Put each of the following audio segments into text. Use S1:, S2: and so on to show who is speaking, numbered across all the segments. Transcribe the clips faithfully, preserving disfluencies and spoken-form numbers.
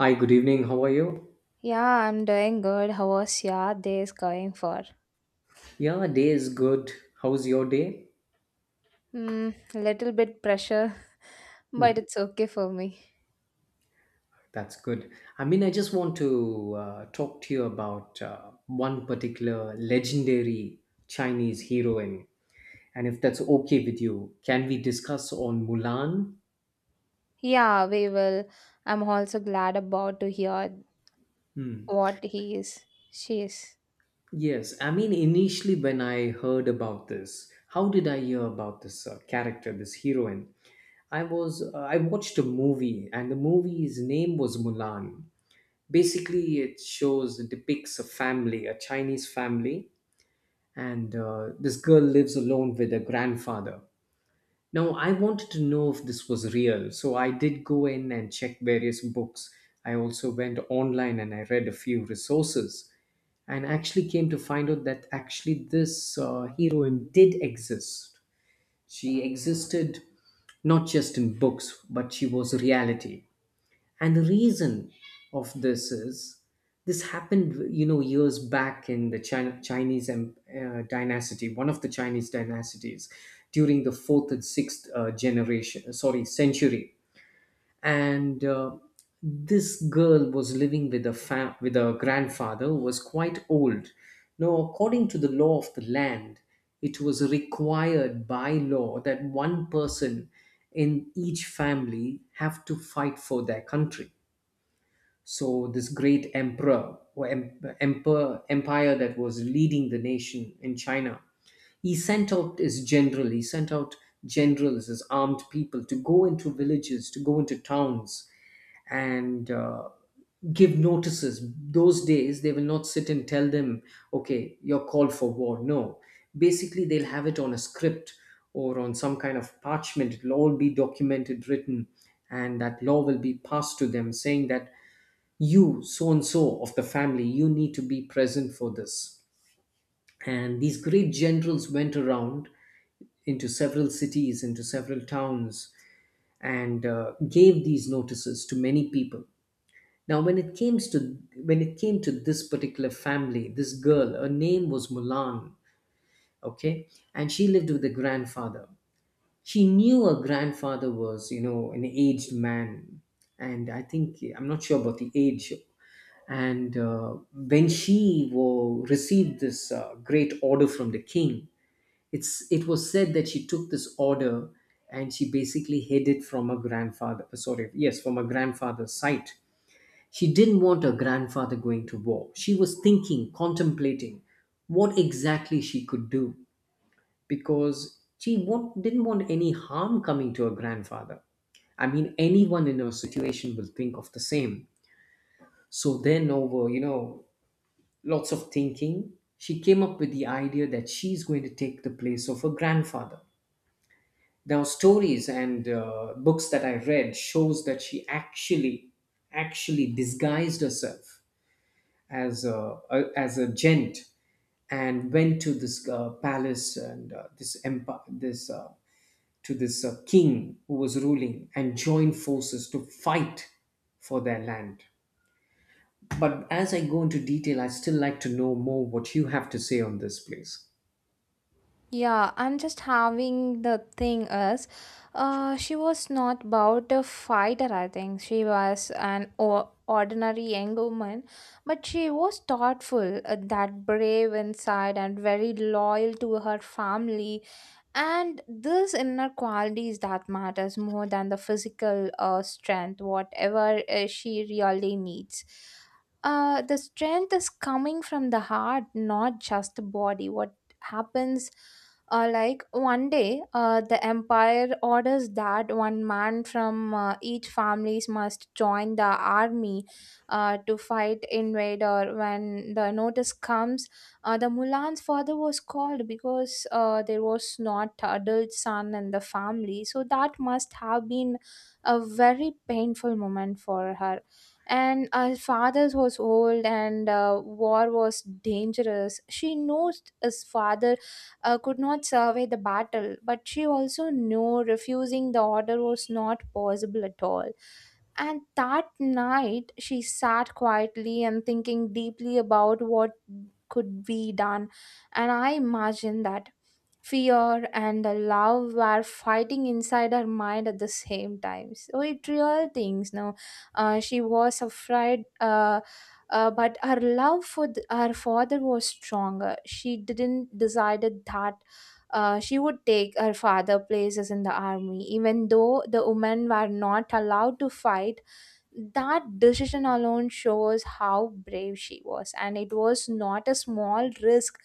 S1: Hi, good evening. How are you?
S2: Yeah, I'm doing good. How was your days going for?
S1: Yeah, day is good. How's your day?
S2: Hmm, little bit pressure,
S1: Hmm.
S2: but it's okay for me.
S1: That's good. I mean, I just want to uh, talk to you about uh, one particular legendary Chinese heroine. And if that's okay with you, can we discuss on Mulan?
S2: Yeah, we will. I'm also glad about to hear
S1: Hmm.
S2: what he is. She is.
S1: Yes, I mean, initially when I heard about this, how did I hear about this uh, character, this heroine? I was uh, I watched a movie, and the movie's name was Mulan. Basically, it shows, it depicts a family, a Chinese family, and uh, this girl lives alone with her grandfather. Now, I wanted to know if this was real, so I did go in and check various books. I also went online, and I read a few resources, and actually came to find out that actually this uh, heroine did exist. She existed not just in books, but she was reality. And the reason of this is, this happened, you know, years back in the China, Chinese em- uh, dynasty, one of the Chinese dynasties, during the fourth and sixth uh, generation, uh, sorry, century. And uh, this girl was living with a fa- with a grandfather who was quite old. Now, according to the law of the land, it was required by law that one person in each family have to fight for their country. So this great emperor or em- emperor empire that was leading the nation in China, he sent out his general, he sent out generals, his armed people to go into villages, to go into towns, and uh, give notices. Those days, they will not sit and tell them, okay, you're called for war. No. Basically, they'll have it on a script or on some kind of parchment. It'll all be documented, written, and that law will be passed to them saying that you, so and so of the family, you need to be present for this. And these great generals went around into several cities, into several towns, and uh, gave these notices to many people. Now, when it came to, when it came to this particular family, this girl, her name was Mulan. Okay. And she lived with a grandfather. She knew her grandfather was, you know, an aged man, and I think I'm not sure about the age. And uh, when she wo- received this uh, great order from the king, it's it was said that she took this order and she basically hid it from her grandfather. uh, Sorry, yes, from her grandfather's sight. She didn't want her grandfather going to war. She was thinking, contemplating what exactly she could do, because she wa- didn't want any harm coming to her grandfather. I mean, anyone in her situation will think of the same. So then, over, you know, lots of thinking, she came up with the idea that she's going to take the place of her grandfather. Now, stories and uh, books that I read shows that she actually, actually disguised herself as a, a as a gent, and went to this uh, palace and uh, this empire, this uh, to this uh, king who was ruling, and joined forces to fight for their land. But as I go into detail, I still like to know more what you have to say on this place.
S2: Yeah, I'm just having the thing is, uh, she was not about a fighter. I think she was an o- ordinary young woman, but she was thoughtful, uh, that brave inside, and very loyal to her family, and this inner quality is that matters more than the physical uh, strength whatever uh, she really needs. Uh, the strength is coming from the heart, not just the body. What happens, uh, like one day, uh, the empire orders that one man from uh, each families must join the army uh, to fight invader. When the notice comes, uh, the Mulan's father was called because uh, there was not adult son in the family, so that must have been a very painful moment for her. And uh, her father was old, and uh, war was dangerous. She knows his father uh, could not survey the battle, but she also knew refusing the order was not possible at all. And that night, she sat quietly and thinking deeply about what could be done. And I imagined that fear and the love were fighting inside her mind at the same time. So it real things. No, uh, she was afraid. Uh, uh, but her love for th- her father was stronger. She didn't decided that uh, she would take her father places in the army, even though the women were not allowed to fight. That decision alone shows how brave she was, and it was not a small risk.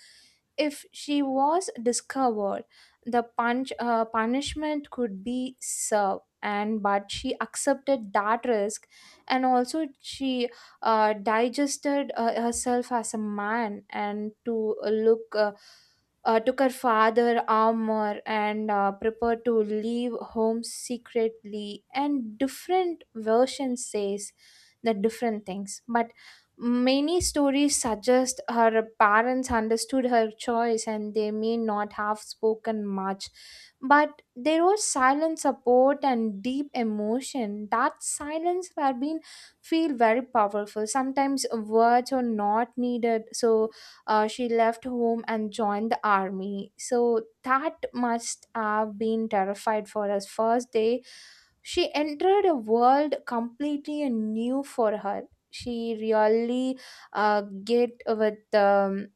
S2: If she was discovered, the punch, uh, punishment could be served, and but she accepted that risk, and also she uh, digested uh, herself as a man and to look. Uh, uh, took her father armor and uh, prepared to leave home secretly. And different versions says the different things, but many stories suggest her parents understood her choice, and they may not have spoken much, but there was silent support and deep emotion. That silence have been feel very powerful. Sometimes words are not needed. So uh, she left home and joined the army, so that must have been terrified for us first day. She entered a world completely new for her. She really uh, get with um,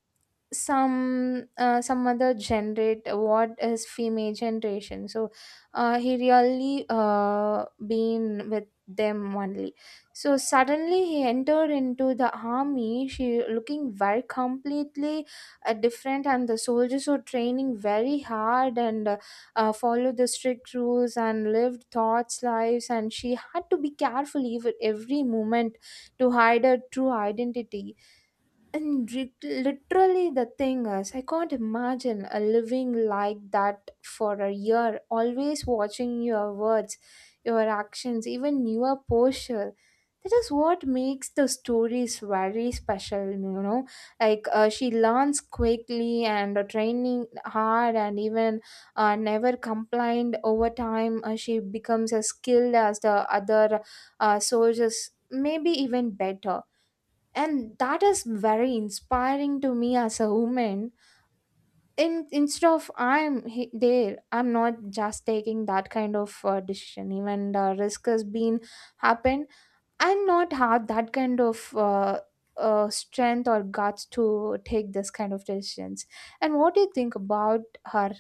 S2: some uh, some other generate what is female generation. So uh, he really uh, been with them only. So suddenly he entered into the army, she looking very completely uh, different, and the soldiers were training very hard and uh, uh, follow the strict rules and lived thoughts lives, and she had to be careful even every moment to hide her true identity. And re- literally the thing is, I can't imagine a living like that for a year, always watching your words, your actions, even your posture. That is what makes the stories very special, you know. Like uh, she learns quickly and uh, training hard, and even uh, never complained. Over time, Uh, she becomes as skilled as the other uh, soldiers, maybe even better, and that is very inspiring to me as a woman. In instead of, I'm he- there, I'm not just taking that kind of uh, decision, even the risk has been happened. I'm not have that kind of uh, uh, strength or guts to take this kind of decisions. And what do you think about her?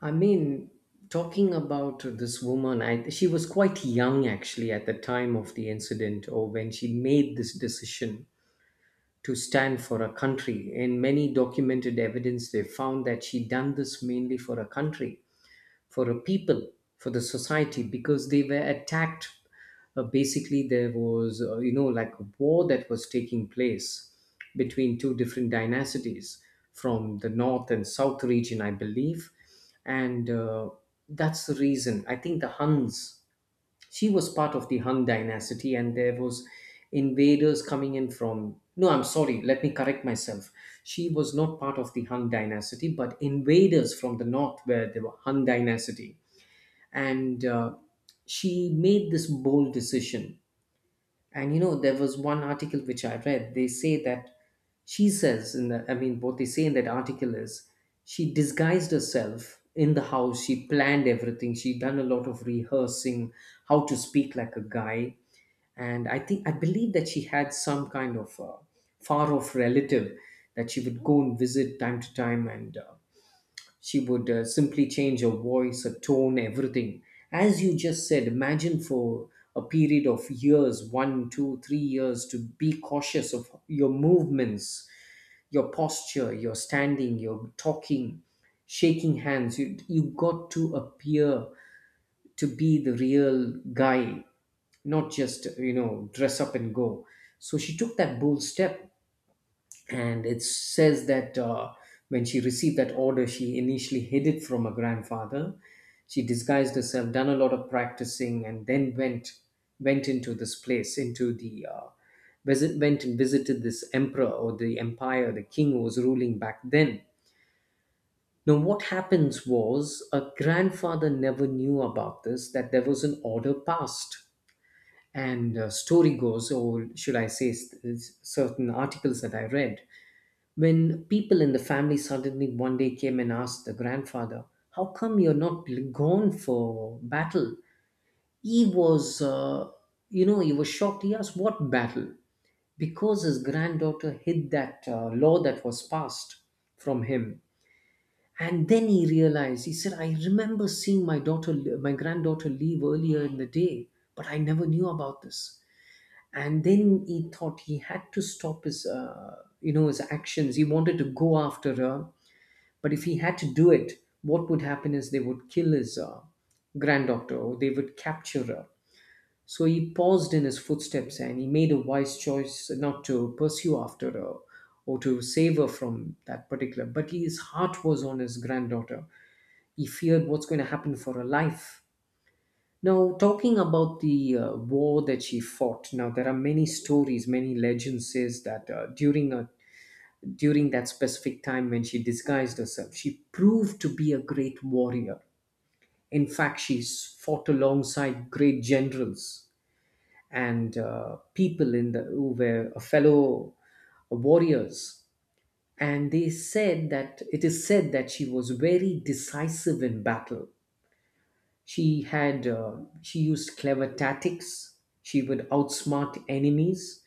S1: I mean, talking about this woman, I, she was quite young actually at the time of the incident or when she made this decision to stand for a country. In many documented evidence, they found that she done this mainly for a country, for a people, for the society, because they were attacked. Uh, basically, there was, uh, you know, like a war that was taking place between two different dynasties from the north and south region, I believe. And uh, that's the reason. I think the Huns, she was part of the Hun dynasty, and there was invaders coming in from. No, I'm sorry, let me correct myself. She was not part of the Hun dynasty, but invaders from the north were the Hun dynasty. And uh, she made this bold decision. And you know, there was one article which I read, they say that she says in the, I mean, what they say in that article is she disguised herself in the house, she planned everything, she done a lot of rehearsing how to speak like a guy. And I think I believe that she had some kind of uh, far off relative that she would go and visit time to time, and uh, she would uh, simply change her voice, her tone, everything. As you just said, imagine for a period of years, one two three years, to be cautious of your movements, your posture, your standing, your talking, shaking hands, you, you got to appear to be the real guy, not just, you know, dress up and go. So she took that bold step. And it says that uh, when she received that order, she initially hid it from her grandfather. She disguised herself, done a lot of practicing, and then went went into this place, into the uh, visit, went and visited this emperor or the empire, the king who was ruling back then. Now, what happens was, a grandfather never knew about this, that there was an order passed. And uh, story goes, or should I say, s- s- certain articles that I read, when people in the family suddenly one day came and asked the grandfather, how come you're not gone for battle? He was, uh, you know, he was shocked. He asked, what battle? Because his granddaughter hid that uh, law that was passed from him. And then he realized, he said, I remember seeing my daughter, my granddaughter leave earlier in the day, but I never knew about this. And then he thought he had to stop his, uh, you know, his actions. He wanted to go after her, but if he had to do it, what would happen is they would kill his uh, granddaughter, or they would capture her. So he paused in his footsteps, and he made a wise choice not to pursue after her or to save her from that particular. But his heart was on his granddaughter. He feared what's going to happen for her life. Now, talking about the uh, war that she fought, now there are many stories, many legends says that uh, during a during that specific time when she disguised herself, she proved to be a great warrior. In fact, she's fought alongside great generals and uh, people in the who were uh, fellow uh, warriors. And they said that it is said that she was very decisive in battle. She had uh, she used clever tactics. She would outsmart enemies,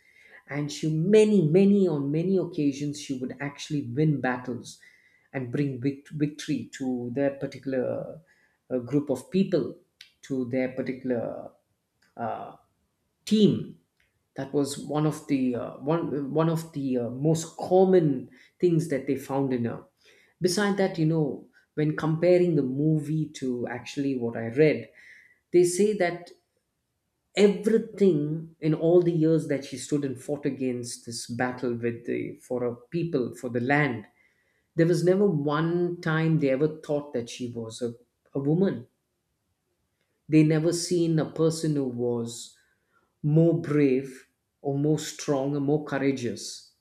S1: and she, many many, on many occasions, she would actually win battles and bring vict- victory to their particular uh, group of people, to their particular uh, team. That was one of the uh, one one of the uh, most common things that they found in her. Beside that, you know, when comparing the movie to actually what I read, they say that everything in all the years that she stood and fought against this battle with the, for her people, for the land, there was never one time they ever thought that she was a, a woman. They never seen a person who was more brave or more strong or more courageous.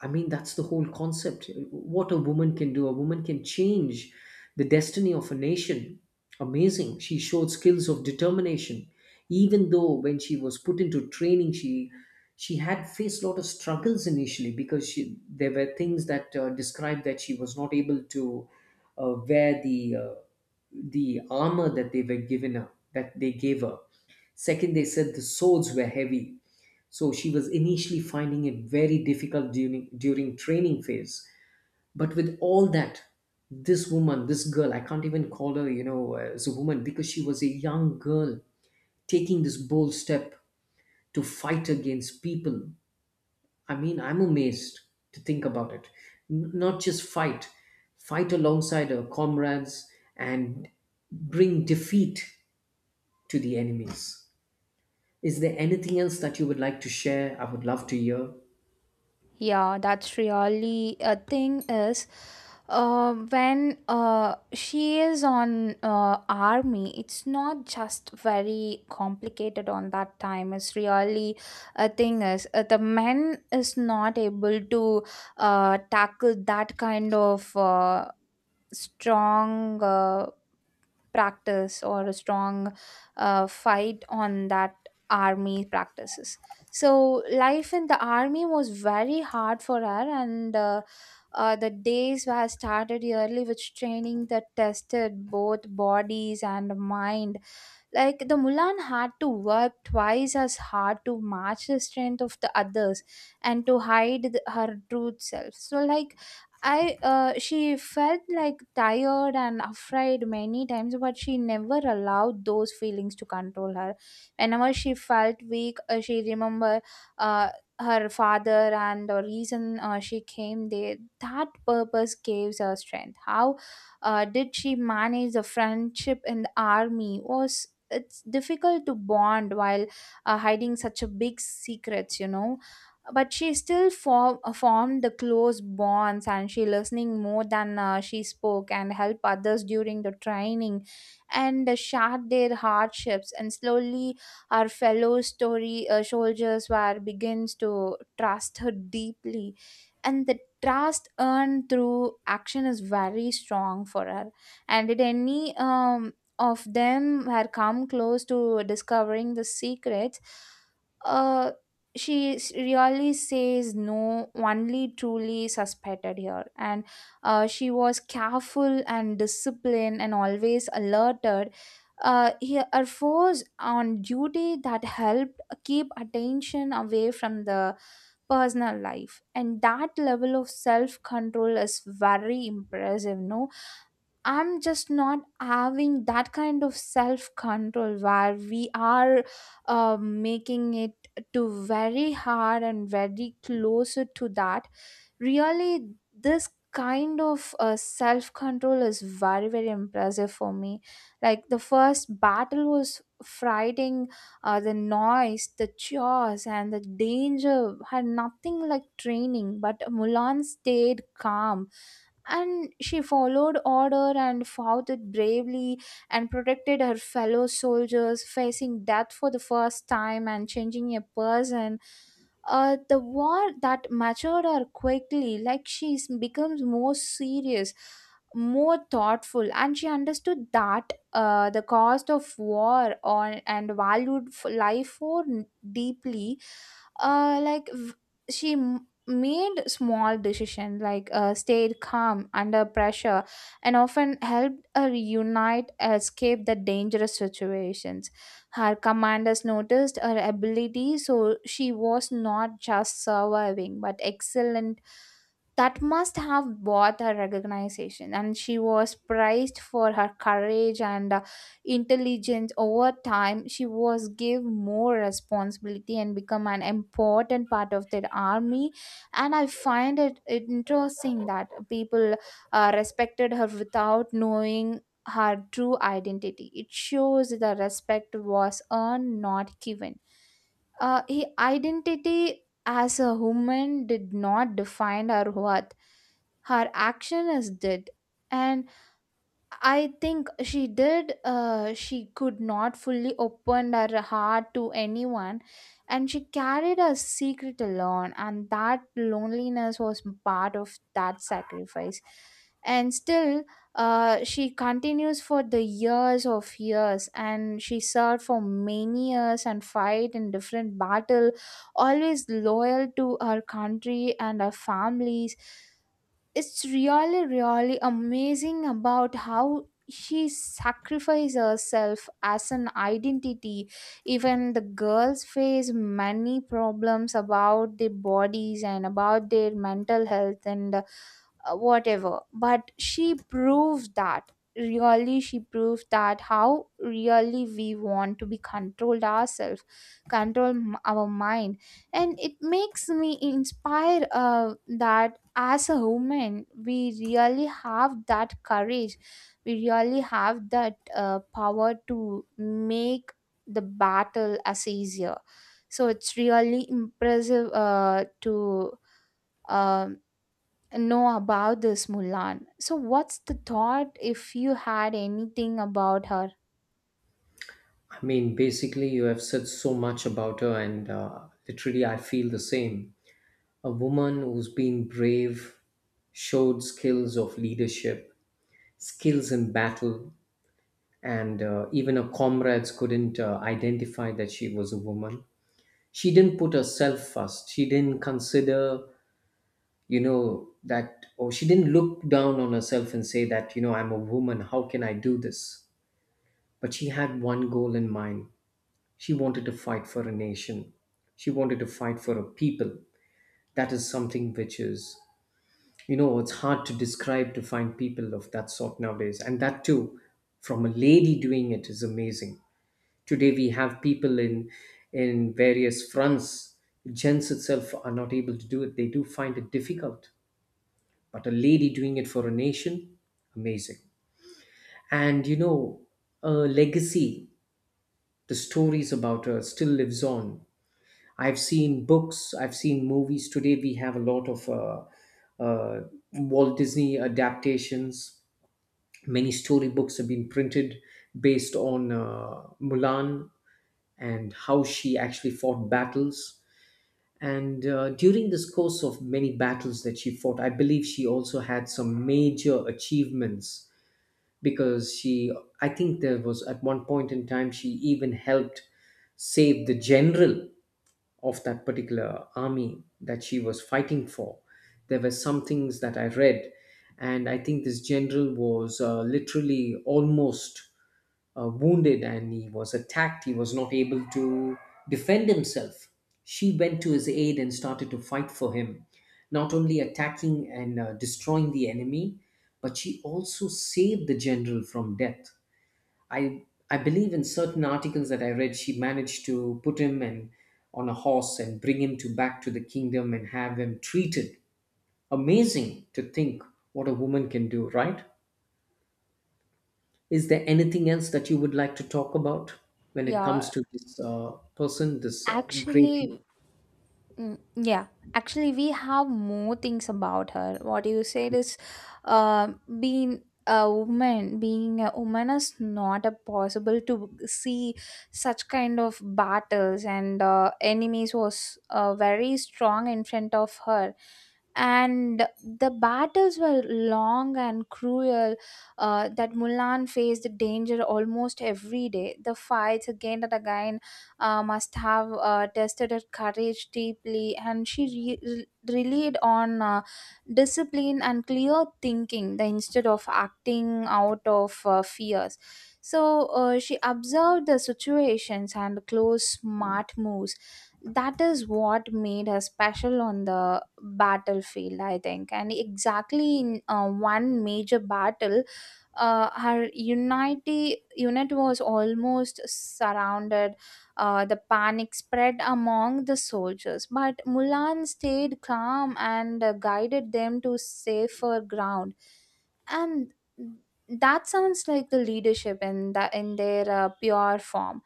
S1: I mean, that's the whole concept. What a woman can do, a woman can change the destiny of a nation. Amazing. She showed skills of determination. Even though when she was put into training, she she had faced a lot of struggles initially because she, there were things that uh, described that she was not able to uh, wear the uh, the armor that they were given her, that they gave her. Second, they said the swords were heavy. So she was initially finding it very difficult during during training phase. But with all that, this woman, this girl, I can't even call her, you know, uh, as a woman, because she was a young girl taking this bold step to fight against people. I mean, I'm amazed to think about it. N- not just fight, fight alongside her comrades, and bring defeat to the enemies. Is there anything else that you would like to share? I would love to hear.
S2: Yeah, that's really a thing is, uh, when uh, she is on uh, army, it's not just very complicated on that time. It's really a thing is, uh, the men is not able to uh, tackle that kind of uh, strong uh, practice or a strong uh, fight on that army practices. So life in the army was very hard for her, and uh, uh, the days were started early with training that tested both bodies and mind. Like, the Mulan had to work twice as hard to match the strength of the others and to hide the, her true self. So like, I uh, she felt like tired and afraid many times, but she never allowed those feelings to control her. Whenever she felt weak, uh, she remember uh, her father and the reason uh, she came there. That purpose gives her strength. How uh, did she manage the friendship in the army? Was it's difficult to bond while uh, hiding such a big secrets, you know? But she still form, uh, formed the close bonds, and she listening more than uh, she spoke and help others during the training, and uh, shared their hardships, and slowly our fellow story uh, soldiers were begins to trust her deeply, and the trust earned through action is very strong for her. And did any um, of them had come close to discovering the secrets? uh, she s- really says no, only truly suspected here, and uh, she was careful and disciplined and always alerted. Uh, he, her force on duty, that helped keep attention away from the personal life, and that level of self control is very impressive, no? I'm just not having that kind of self control where we are uh, making it to very hard and very closer to that. Really, this kind of uh, self control is very, very impressive for me. Like, the first battle was fighting. Uh, the noise, the chores, and the danger had nothing like training, but Mulan stayed calm, and she followed order and fought it bravely and protected her fellow soldiers, facing death for the first time and changing a person. Uh, the war that matured her quickly, like she becomes more serious, more thoughtful, and she understood that uh, the cost of war on and valued f- life for n- deeply. Uh, like v- she made small decisions like uh, stayed calm under pressure and often helped her unite escape the dangerous situations. Her commanders noticed her ability, so she was not just surviving but excellent. That must have bought her recognition, and she was praised for her courage and uh, intelligence. Over time, she was given more responsibility and become an important part of their army. And I find it interesting that people uh, respected her without knowing her true identity. It shows the respect was earned, not given. Uh, her identity as a woman did not define her worth. Her action is did. And I think she did. Uh, she could not fully open her heart to anyone, and she carried her secret alone. And that loneliness was part of that sacrifice. And still, uh, she continues for the years of years, and she served for many years and fight in different battle, always loyal to her country and her families. It's really really amazing about how she sacrifices herself as an identity. Even the girls face many problems about their bodies and about their mental health, and uh, whatever, but she proves that, really, she proves that how really we want to be controlled ourselves, control m- our mind. And it makes me inspire uh, that as a woman we really have that courage, we really have that uh, power to make the battle as easier. So it's really impressive uh, to um know about this Mulan. So, what's the thought if you had anything about her?
S1: I mean, basically, you have said so much about her, and uh, literally, I feel the same. A woman who's been brave, showed skills of leadership, skills in battle, and uh, even her comrades couldn't uh, identify that she was a woman. She didn't put herself first. She didn't consider, you know, that, or she didn't look down on herself and say that, you know, I'm a woman, how can I do this? But she had one goal in mind. She wanted to fight for a nation. She wanted to fight for a people. That is something which is, you know, it's hard to describe to find people of that sort nowadays. And that too, from a lady doing it is amazing. Today we have people in in various fronts. Gents itself are not able to do it. They do find it difficult. But a lady doing it for a nation, amazing. And you know, a legacy, the stories about her still lives on I've seen books, I've seen movies. Today we have a lot of uh, uh, Walt Disney adaptations. Many storybooks have been printed based on uh, Mulan and how she actually fought battles. And uh, during this course of many battles that she fought, I believe she also had some major achievements because she, I think there was at one point in time, she even helped save the general of that particular army that she was fighting for. There were some things that I read, and I think this general was uh, literally almost uh, wounded and he was attacked. He was not able to defend himself. She went to his aid and started to fight for him, not only attacking and uh, destroying the enemy, but she also saved the general from death. I I believe in certain articles that I read, she managed to put him and on a horse and bring him to back to the kingdom and have him treated. Amazing to think what a woman can do, right? Is there anything else that you would like to talk about when it comes
S2: Yeah.
S1: to this uh, person, this uh, great.
S2: Actually, mm, yeah, actually, we have more things about her. What you said is, uh, being a woman, being a woman is not a possible to see such kind of battles, and uh, enemies was uh, very strong in front of her, and the battles were long and cruel. Uh, that Mulan faced danger almost every day. The fights again and again uh, must have uh, tested her courage deeply, and she re- re- relied on uh, discipline and clear thinking the- instead of acting out of uh, fears. So uh, she observed the situations and close smart moves. That is what made her special on the battlefield, I think. And exactly in uh, one major battle, uh, her unity unit was almost surrounded. Uh, the panic spread among the soldiers, but Mulan stayed calm and uh, guided them to safer ground. And that sounds like the leadership in the in their uh, pure form.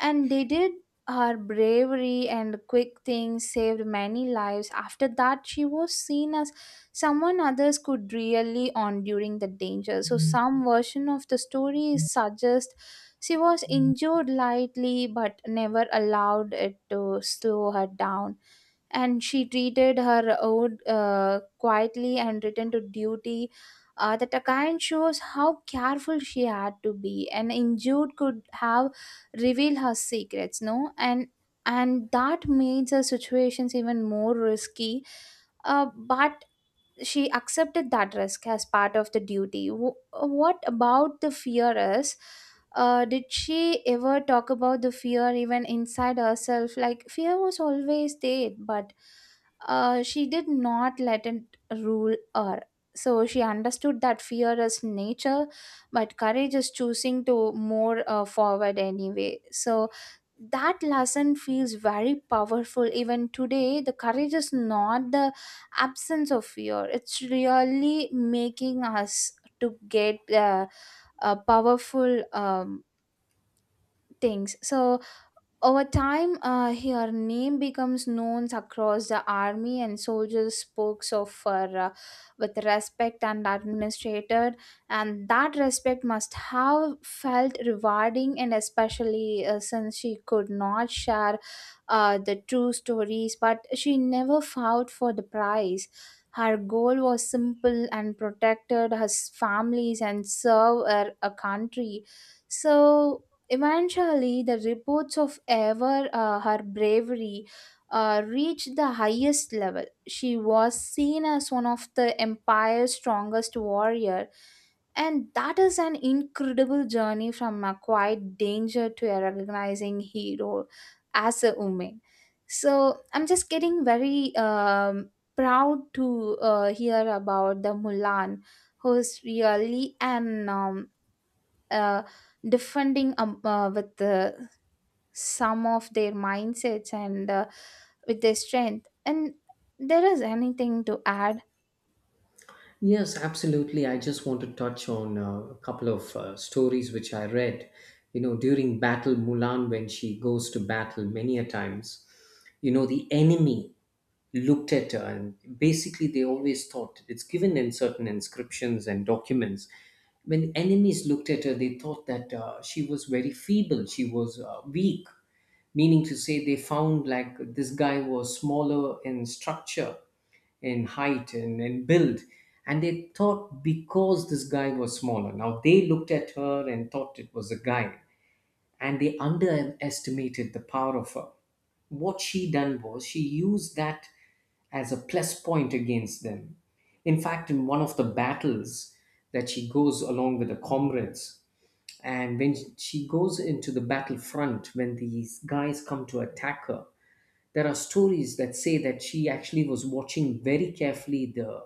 S2: And they did her bravery and quick things saved many lives. After that, she was seen as someone others could really on during the danger. So some version of the story suggests she was injured lightly but never allowed it to slow her down, and she treated her ode uh, quietly and returned to duty. Uh, that again shows how careful she had to be. An injured could have revealed her secrets, no, and and that made the situations even more risky. Uh, but she accepted that risk as part of the duty. W- what about the fear is? Uh, did she ever talk about the fear even inside herself? Like, fear was always there, but uh, she did not let it rule her. So she understood that fear is nature, but courage is choosing to more uh, forward anyway. So that lesson feels very powerful even today. The courage is not the absence of fear, it's really making us to get uh, uh, powerful um, things. So over time, uh, her name becomes known across the army, and soldiers spoke of her uh, with respect and administrated, and that respect must have felt rewarding, and especially uh, since she could not share uh, the true stories, but she never fought for the prize. Her goal was simple and protected her s- families and serve her a country. So eventually, the reports of ever uh, her bravery uh, reached the highest level. She was seen as one of the empire's strongest warrior, and that is an incredible journey from a quiet danger to a recognizing hero as a woman. So I'm just getting very um, proud to uh, hear about the Mulan, who's really an um, uh, defending um, uh, with uh, some of their mindsets, and uh, with their strength. And there is anything to add?
S1: Yes, absolutely. I just want to touch on uh, a couple of uh, stories which I read. You know, during battle, Mulan, when she goes to battle many a times, you know, the enemy looked at her, and basically they always thought it's given in certain inscriptions and documents. When enemies looked at her, they thought that uh, she was very feeble, she was uh, weak, meaning to say they found like this guy was smaller in structure in height and in build. And they thought because this guy was smaller. Now they looked at her and thought it was a guy. And they underestimated the power of her. What she done was she used that as a plus point against them. In fact, in one of the battles that she goes along with the comrades, and when she goes into the battlefront, when these guys come to attack her, there are stories that say that she actually was watching very carefully the,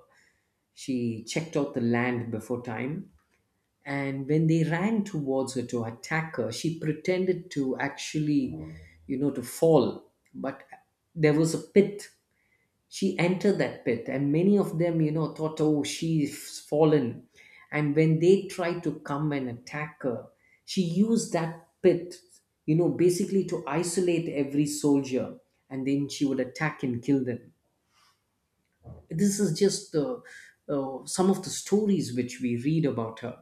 S1: she checked out the land before time. And when they ran towards her to attack her, she pretended to actually, you know, to fall, but there was a pit. She entered that pit, and many of them, you know, thought, oh, she's fallen. And when they tried to come and attack her, she used that pit, you know, basically to isolate every soldier, and then she would attack and kill them. This is just uh, uh, some of the stories which we read about her.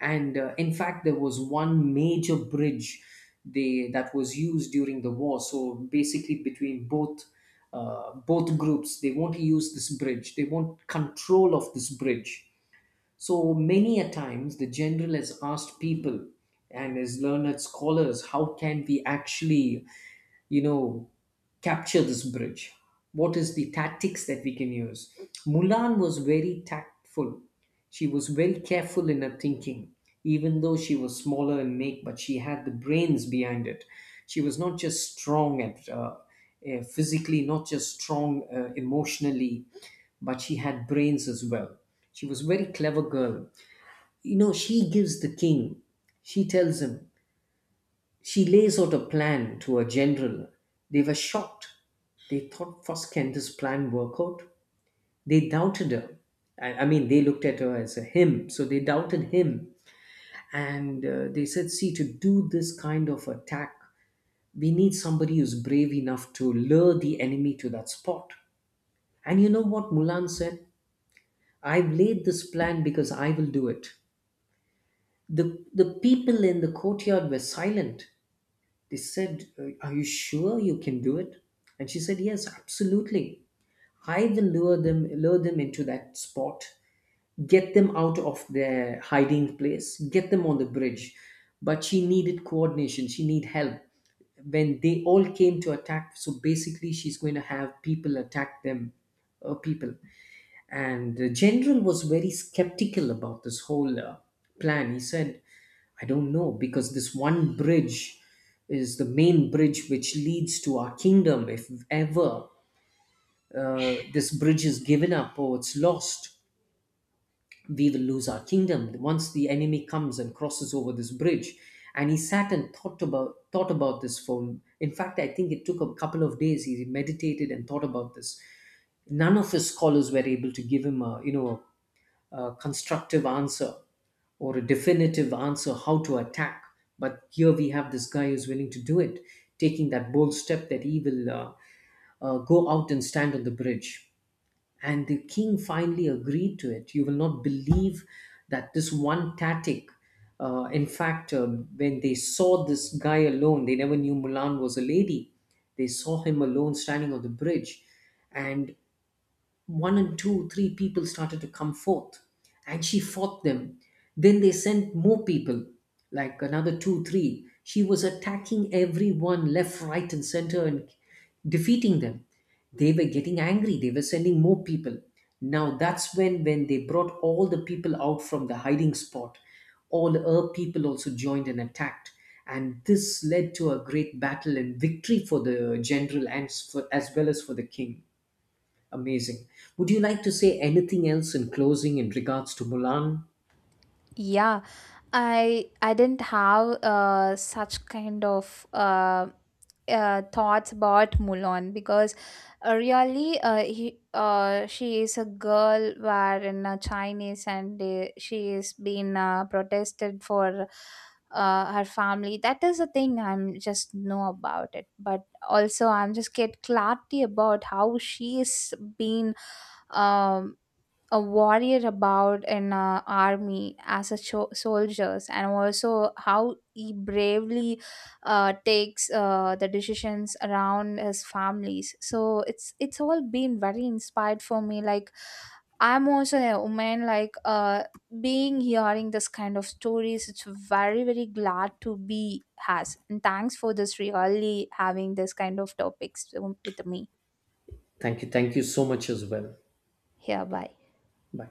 S1: And uh, in fact, there was one major bridge they, that was used during the war. So basically between both uh, both groups, they want to use this bridge, they want control of this bridge. So many a times the general has asked people and his learned scholars, how can we actually, you know, capture this bridge? What is the tactics that we can use? Mulan was very tactful. She was very careful in her thinking, even though she was smaller in make, but she had the brains behind it. She was not just strong at uh, uh, physically, not just strong uh, emotionally, but she had brains as well. She was a very clever girl. You know, she gives the king. She tells him, she lays out a plan to her general. They were shocked. They thought, first, can this plan work out? They doubted her. I, I mean, they looked at her as a him, so they doubted him. And uh, they said, see, to do this kind of attack, we need somebody who's brave enough to lure the enemy to that spot. And you know what Mulan said? I've laid this plan because I will do it. The, the people in the courtyard were silent. They said, uh, are you sure you can do it? And she said, yes, absolutely. I will lure them, lure them into that spot, get them out of their hiding place, get them on the bridge. But she needed coordination, she needed help. When they all came to attack, so basically she's going to have people attack them, uh, people. And the general was very skeptical about this whole uh, plan. He said, I don't know, because this one bridge is the main bridge which leads to our kingdom. If ever uh, this bridge is given up or it's lost, we will lose our kingdom once the enemy comes and crosses over this bridge. And he sat and thought about thought about this for. In fact, I think it took a couple of days. He meditated and thought about this. None of his scholars were able to give him a, you know, a constructive answer or a definitive answer how to attack. But here we have this guy who's willing to do it, taking that bold step that he will uh, uh, go out and stand on the bridge. And the king finally agreed to it. You will not believe that this one tactic, uh, in fact, um, when they saw this guy alone, they never knew Mulan was a lady. They saw him alone standing on the bridge. And one and two, three people started to come forth, and she fought them. Then they sent more people, like another two, three. She was attacking everyone left, right, and center and defeating them. They were getting angry, they were sending more people. Now that's when when they brought all the people out from the hiding spot. All her people also joined and attacked. And this led to a great battle and victory for the general and s- for, as well as for the king. Amazing. Would you like to say anything else in closing in regards to Mulan?
S2: Yeah, I I didn't have uh, such kind of uh, uh, thoughts about Mulan, because uh, really uh, he, uh, she is a girl where in uh, Chinese, and uh, she is being uh, protested for uh, her family. That is the thing I'm just know about it, but also I'm just get clarity about how she is being. um a warrior about in a army as a cho- soldiers, and also how he bravely uh, takes uh, the decisions around his families. So it's it's all been very inspired for me. Like, I'm also a woman. Like, uh being hearing this kind of stories, it's very, very glad to be has, and thanks for this, really having this kind of topics um, with me.
S1: Thank you. Thank you so much as well.
S2: Here, bye.
S1: Bye.